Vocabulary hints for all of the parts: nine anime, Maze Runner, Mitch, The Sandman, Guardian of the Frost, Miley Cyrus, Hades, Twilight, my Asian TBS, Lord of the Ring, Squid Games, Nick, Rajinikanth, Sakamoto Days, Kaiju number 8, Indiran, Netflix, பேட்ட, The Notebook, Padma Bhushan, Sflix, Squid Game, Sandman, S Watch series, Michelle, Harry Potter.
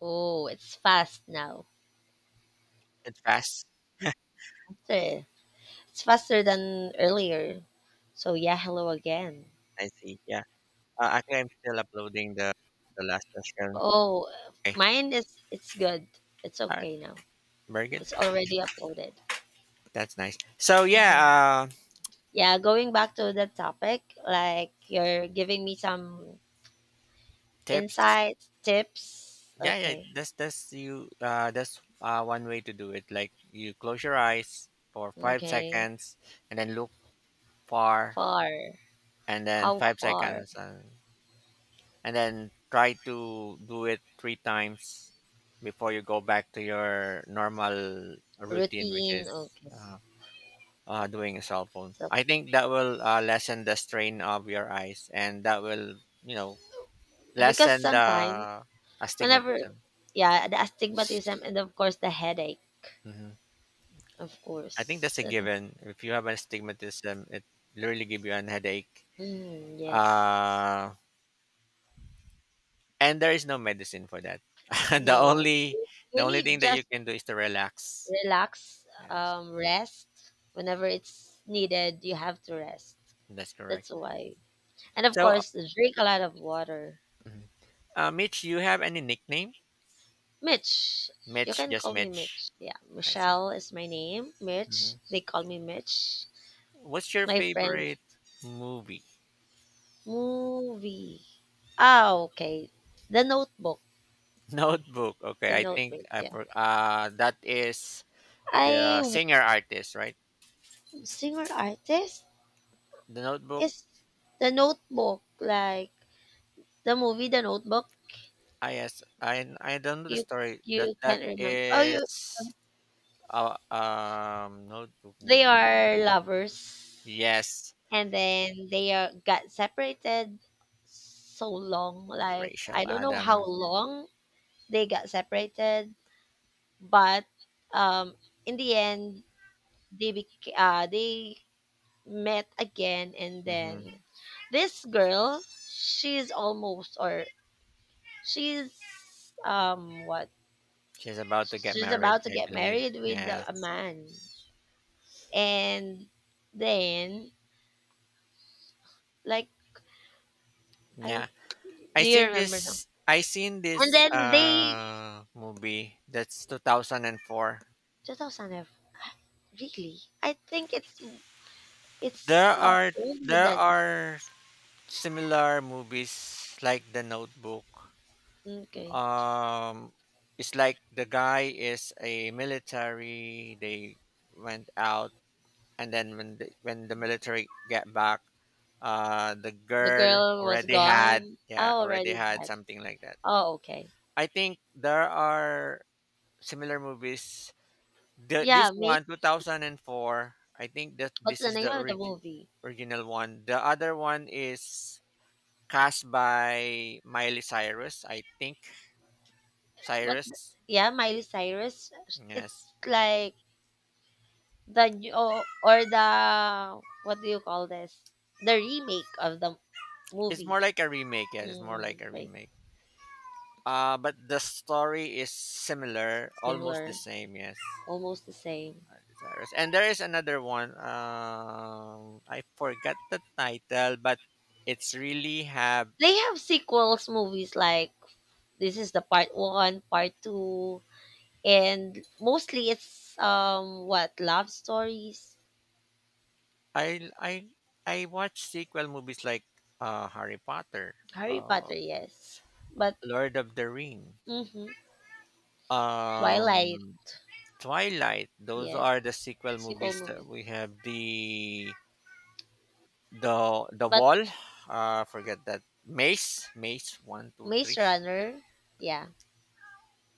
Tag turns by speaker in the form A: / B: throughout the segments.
A: Oh, it's fast now.
B: It's fast.
A: Yeah. Eh, It's faster than earlier. So yeah, hello again.
B: I see. Yeah. Actually, I'm still uploading the last session.
A: Oh,
B: Okay.
A: mine is it's good. It's
B: All right.
A: okay now.
B: Very good.
A: It's already uploaded.
B: That's nice. So
A: Okay.
B: yeah. Uh,
A: Yeah, going back to the topic, like you're giving me some
B: tips.
A: insights, tips.
B: Yeah, yeah.
A: Okay.
B: That's you. That's one way to do it. Like you close your eyes for five
A: Okay.
B: seconds, and then look far,
A: Far.
B: and then
A: How
B: five
A: far?
B: seconds, and then try to do it three times before you go back to your normal routine, which
A: Routine.
B: is
A: Okay.
B: uh, doing a cell phone.
A: So
B: I think that will lessen the strain of your eyes, and that will,
A: because
B: lessen
A: sometimes
B: the
A: whenever,
B: astigmatism.
A: yeah, the astigmatism and of course the headache.
B: Hmm.
A: Of
B: I think
A: course.
B: that's a
A: That.
B: given. If you have astigmatism, it literally give you an headache,
A: Mm, yes.
B: uh, and there is no medicine for that. the
A: No.
B: only
A: You
B: the
A: you
B: only
A: need
B: thing that you
A: just
B: can do is to relax.
A: relax,
B: Yes,
A: rest. Whenever it's needed, you have to rest.
B: that's correct.
A: That's why. And of
B: So,
A: course, drink a lot of water.
B: mhm, Mitch, you have any nickname?
A: Mitch. You
B: Mitch,
A: can
B: just
A: call me
B: Mitch.
A: Mitch. Yeah.
B: I see.
A: Michelle is my name. Mitch.
B: Mhm.
A: They call me Mitch.
B: What's your
A: My friends.
B: favorite movie?
A: Movie. Ah, okay. The Notebook.
B: Notebook. Okay,
A: The
B: I think
A: Notebook.
B: I
A: Yeah.
B: for that is
A: I
B: the
A: w-
B: singer artist, right?
A: Singer artist.
B: The Notebook.
A: It's The Notebook, like the movie The Notebook.
B: I yes, I don't know the
A: You
B: story. That
A: you
B: that
A: can't remember. Oh, you
B: is Notebook
A: they
B: movie.
A: are lovers,
B: Yes,
A: and then they are got separated so long. Like
B: Rachel
A: I don't know how
B: Adam.
A: long they got separated, but um, in the end they they met again, and
B: Mm-hmm.
A: then this girl, she's almost or she's what
B: She's about to get
A: she's
B: married,
A: about to
B: I
A: get
B: believe.
A: married with
B: Yes.
A: a man. And then, like, I
B: Yeah. I
A: do you
B: seen
A: remember now?
B: this. I seen
A: And
B: this
A: then they
B: uh movie that's 2004.
A: 2005. Really? I think it's
B: There
A: it's
B: are
A: older
B: there
A: than.
B: are similar movies like The Notebook.
A: Okay.
B: Um, it's like the guy is a military. They went out, and then when the military get back, the
A: The
B: girl
A: girl was
B: already had,
A: gone. I
B: yeah, already
A: already
B: had
A: had.
B: something like that.
A: Oh, okay.
B: I think there are similar movies. The, this
A: Yeah, me.
B: one, 2004. I think that
A: What's
B: this
A: the
B: is
A: name
B: the
A: of the movie?
B: original one. The other one is cast by Miley Cyrus, I think.
A: But
B: Cyrus,
A: yeah, Miley Cyrus.
B: yes.
A: It's like the new, or the, what do you call this? The remake of the
B: It's more
A: movie.
B: like a remake. Yeah, it's more like
A: Mm,
B: a
A: okay,
B: remake. But the story is similar, almost the
A: similar,
B: same. Yes,
A: almost the same.
B: Miley Cyrus. And there is another one. I forgot the title, but it's really have.
A: They have sequels movies like this is the part one, part two, and mostly it's what love stories.
B: I I I watch sequel movies like Harry Potter,
A: Harry
B: uh
A: Potter, yes, but
B: Lord of the Ring.
A: mm-hmm,
B: Um
A: Twilight,
B: Twilight. Those
A: yes,
B: are the sequel
A: sequel
B: movies that
A: movies.
B: we have. The
A: But
B: wall. Forget that. Maze. Maze. One, two,
A: Maze
B: three.
A: Runner, yeah,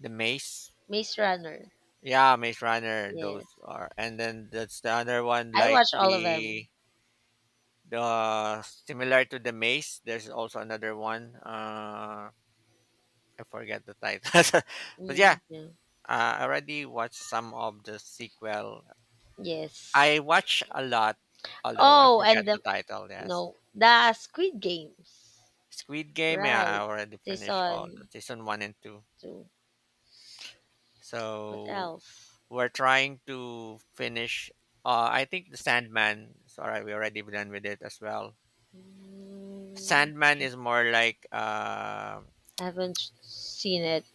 B: The Maze.
A: Maze Runner,
B: Yeah, Maze Runner. Those
A: yes.
B: are. And then that's the other one.
A: I
B: Like
A: watch all of
B: the
A: them.
B: the similar to the Maze. There's also another one. I forget the title. But yeah,
A: Mhm.
B: I already watched some of the sequel.
A: Yes.
B: I watch a lot, although I
A: Oh,
B: forget
A: and
B: the
A: the,
B: title. Yes.
A: no, the Squid Games.
B: Squid Game, yeah, I
A: Right.
B: already finished all the
A: Season
B: season one and two.
A: two. What
B: So
A: else?
B: we're trying to finish. I think the Sandman. Sorry, we already done with it as well.
A: Mm,
B: Sandman is more like
A: haven't seen it,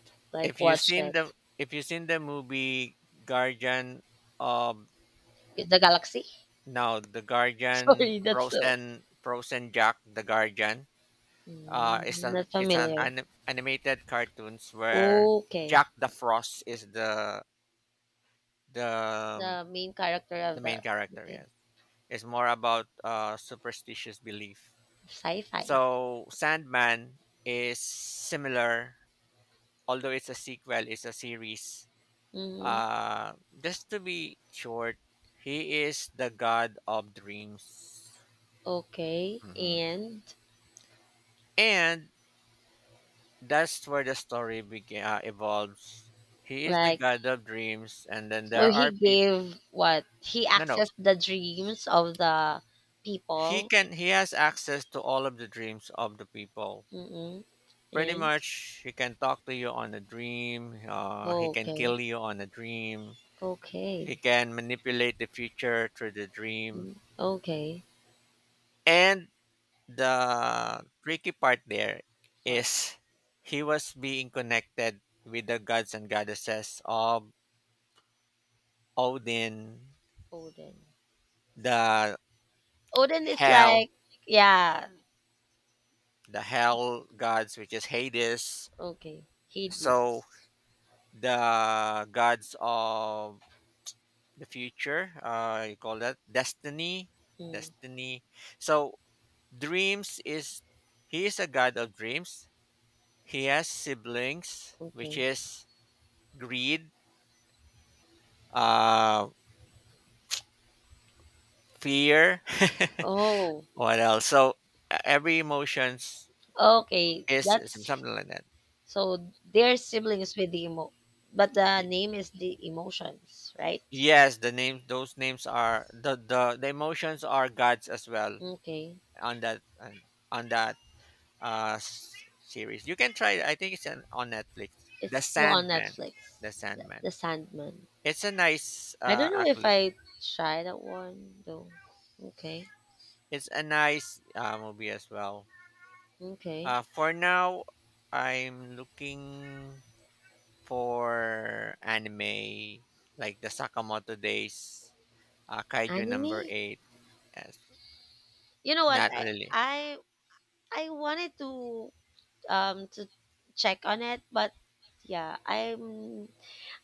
B: if
A: like
B: you
A: watched
B: seen
A: it.
B: the if you seen the movie Guardian of,
A: The Galaxy.
B: no, the Guardian,
A: Sorry, that's so.
B: Frozen Jack the Guardian. Uh, it's an
A: Not
B: it's an
A: familiar.
B: animated cartoons where
A: Okay.
B: Jack the Frost is the
A: The main character
B: the
A: of
B: main
A: the,
B: character,
A: okay,
B: yes, is more about superstitious belief,
A: sci-fi.
B: so Sandman is similar, although it's a sequel, it's a series,
A: Mm,
B: uh just to be short, he is the god of dreams.
A: okay,
B: Mhm.
A: and
B: And that's where the story begin evolves. He is the
A: like.
B: god of dreams, and then
A: So
B: there
A: he
B: are people.
A: gave what? He
B: No, no,
A: accessed the dreams of the people.
B: he has access to all of the dreams of the people.
A: Mm-mm.
B: Pretty
A: And
B: much, he can talk to you on a dream. He can
A: okay,
B: kill you on a dream. He
A: okay.
B: can manipulate the future through the dream.
A: Mm, okay.
B: And the tricky part there
A: What?
B: is he was being connected with the gods and goddesses of Odin,
A: Odin.
B: the
A: Odin is
B: hell,
A: like, yeah,
B: the hell gods, which is Hades.
A: okay.
B: So
A: Hades.
B: the gods of the future, you call that destiny
A: Mm,
B: destiny so dreams is, he is a god of dreams. He has siblings, which
A: okay.
B: is greed, uh fear,
A: Oh,
B: what else, so every emotions
A: okay.
B: is
A: That's.
B: something like that.
A: So they're siblings with the emo, but the
B: Y-
A: name is the emotions, right?
B: yes the name those names are the emotions are gods as well,
A: Okay.
B: on that on that uh s- series. You can try it. I think it's on Netflix.
A: It's
B: The
A: still on
B: Sandman.
A: Netflix.
B: The
A: The
B: Sandman.
A: Sandman.
B: It's a nice,
A: I don't know if
B: actually,
A: I tried that one though. Okay.
B: it's a nice, movie as well.
A: Okay.
B: For now, I'm looking for anime like the Sakamoto Days, Kaiju number
A: Anime?
B: 8. Yes,
A: You know what?
B: not
A: I
B: really.
A: I I wanted to check on it, but yeah,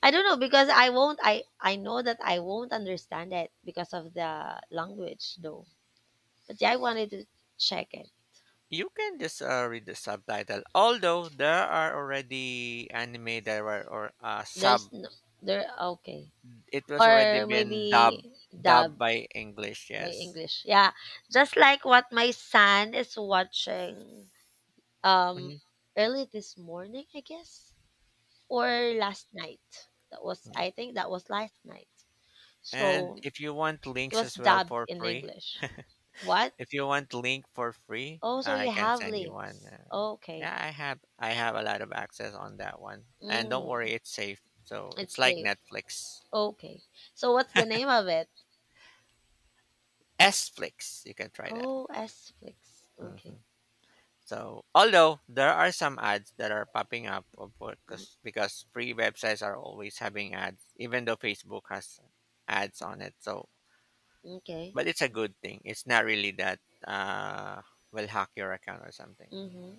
A: I don't know because I won't. I know that I won't understand it because of the language though. But yeah, I wanted to check it.
B: You can just read the subtitle. Although there are already anime that were or sub,
A: There's no there. Okay.
B: it was already
A: Or
B: been dubbed
A: maybe
B: dubbed
A: dub
B: by English.
A: by
B: Yes.
A: English. Yeah. Just like what my son is watching, um
B: Mhm.
A: early this morning, I guess, or last night. That was,
B: Yeah.
A: I think, that was last night.
B: And
A: So
B: if you want
A: it
B: links
A: was
B: as well
A: dubbed
B: for
A: in
B: free,
A: english. What?
B: if you want link for free,
A: Oh, so
B: I
A: you
B: can
A: have
B: send you one.
A: links.
B: Uh,
A: Okay.
B: yeah, I have a lot of access on that one, and don't worry,
A: mm,
B: it's safe. So it's
A: it's
B: like
A: safe.
B: Netflix,
A: Okay. So what's the name of it?
B: Sflix. You can try that.
A: Oh, s fix. Okay.
B: Hmm. So although there are some ads that are popping up, of course,
A: Mm,
B: because free websites are always having ads, even though Facebook has ads on it. So
A: okay.
B: but it's a good thing. It's not really that uh, will hack your account or something.
A: Mm-hmm.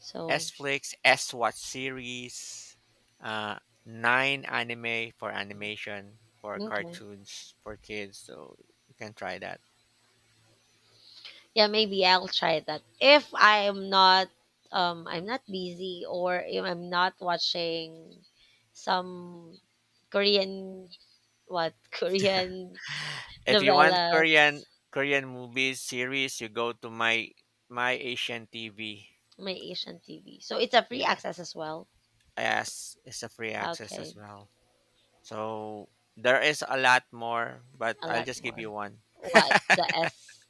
A: So
B: S Flix, S Watch series, uh, nine anime for
A: mm,
B: animation, for
A: okay.
B: cartoons for kids. So you can try that.
A: Yeah, maybe I'll try that. If I'm not busy, or if I'm not watching some Korean, what, Korean
B: If you want
A: novellas,
B: Korean, Korean movies series, you go to my Asian TV.
A: my Asian TV. So it's a free access
B: Yes,
A: as well.
B: yes, it's a free access as
A: Okay,
B: well. So there is a lot more, but
A: a
B: I'll
A: lot
B: just give you
A: more.
B: one.
A: What the S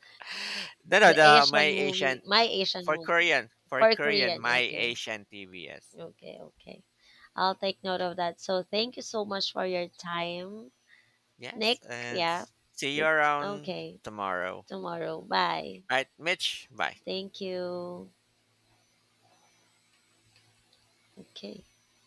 B: No, no,
A: the
B: the my
A: Asian
B: Asian.
A: movie, my Asian
B: For
A: movie
B: Korean, for
A: for
B: Korean,
A: Korean.
B: my
A: Okay.
B: Asian TBS.
A: Okay, okay. I'll take note of that. So thank you so much for your time,
B: Yes,
A: Nick.
B: and
A: Yeah.
B: see you around
A: Okay,
B: tomorrow.
A: tomorrow. Bye.
B: All right, Mitch, bye.
A: Thank you. Okay.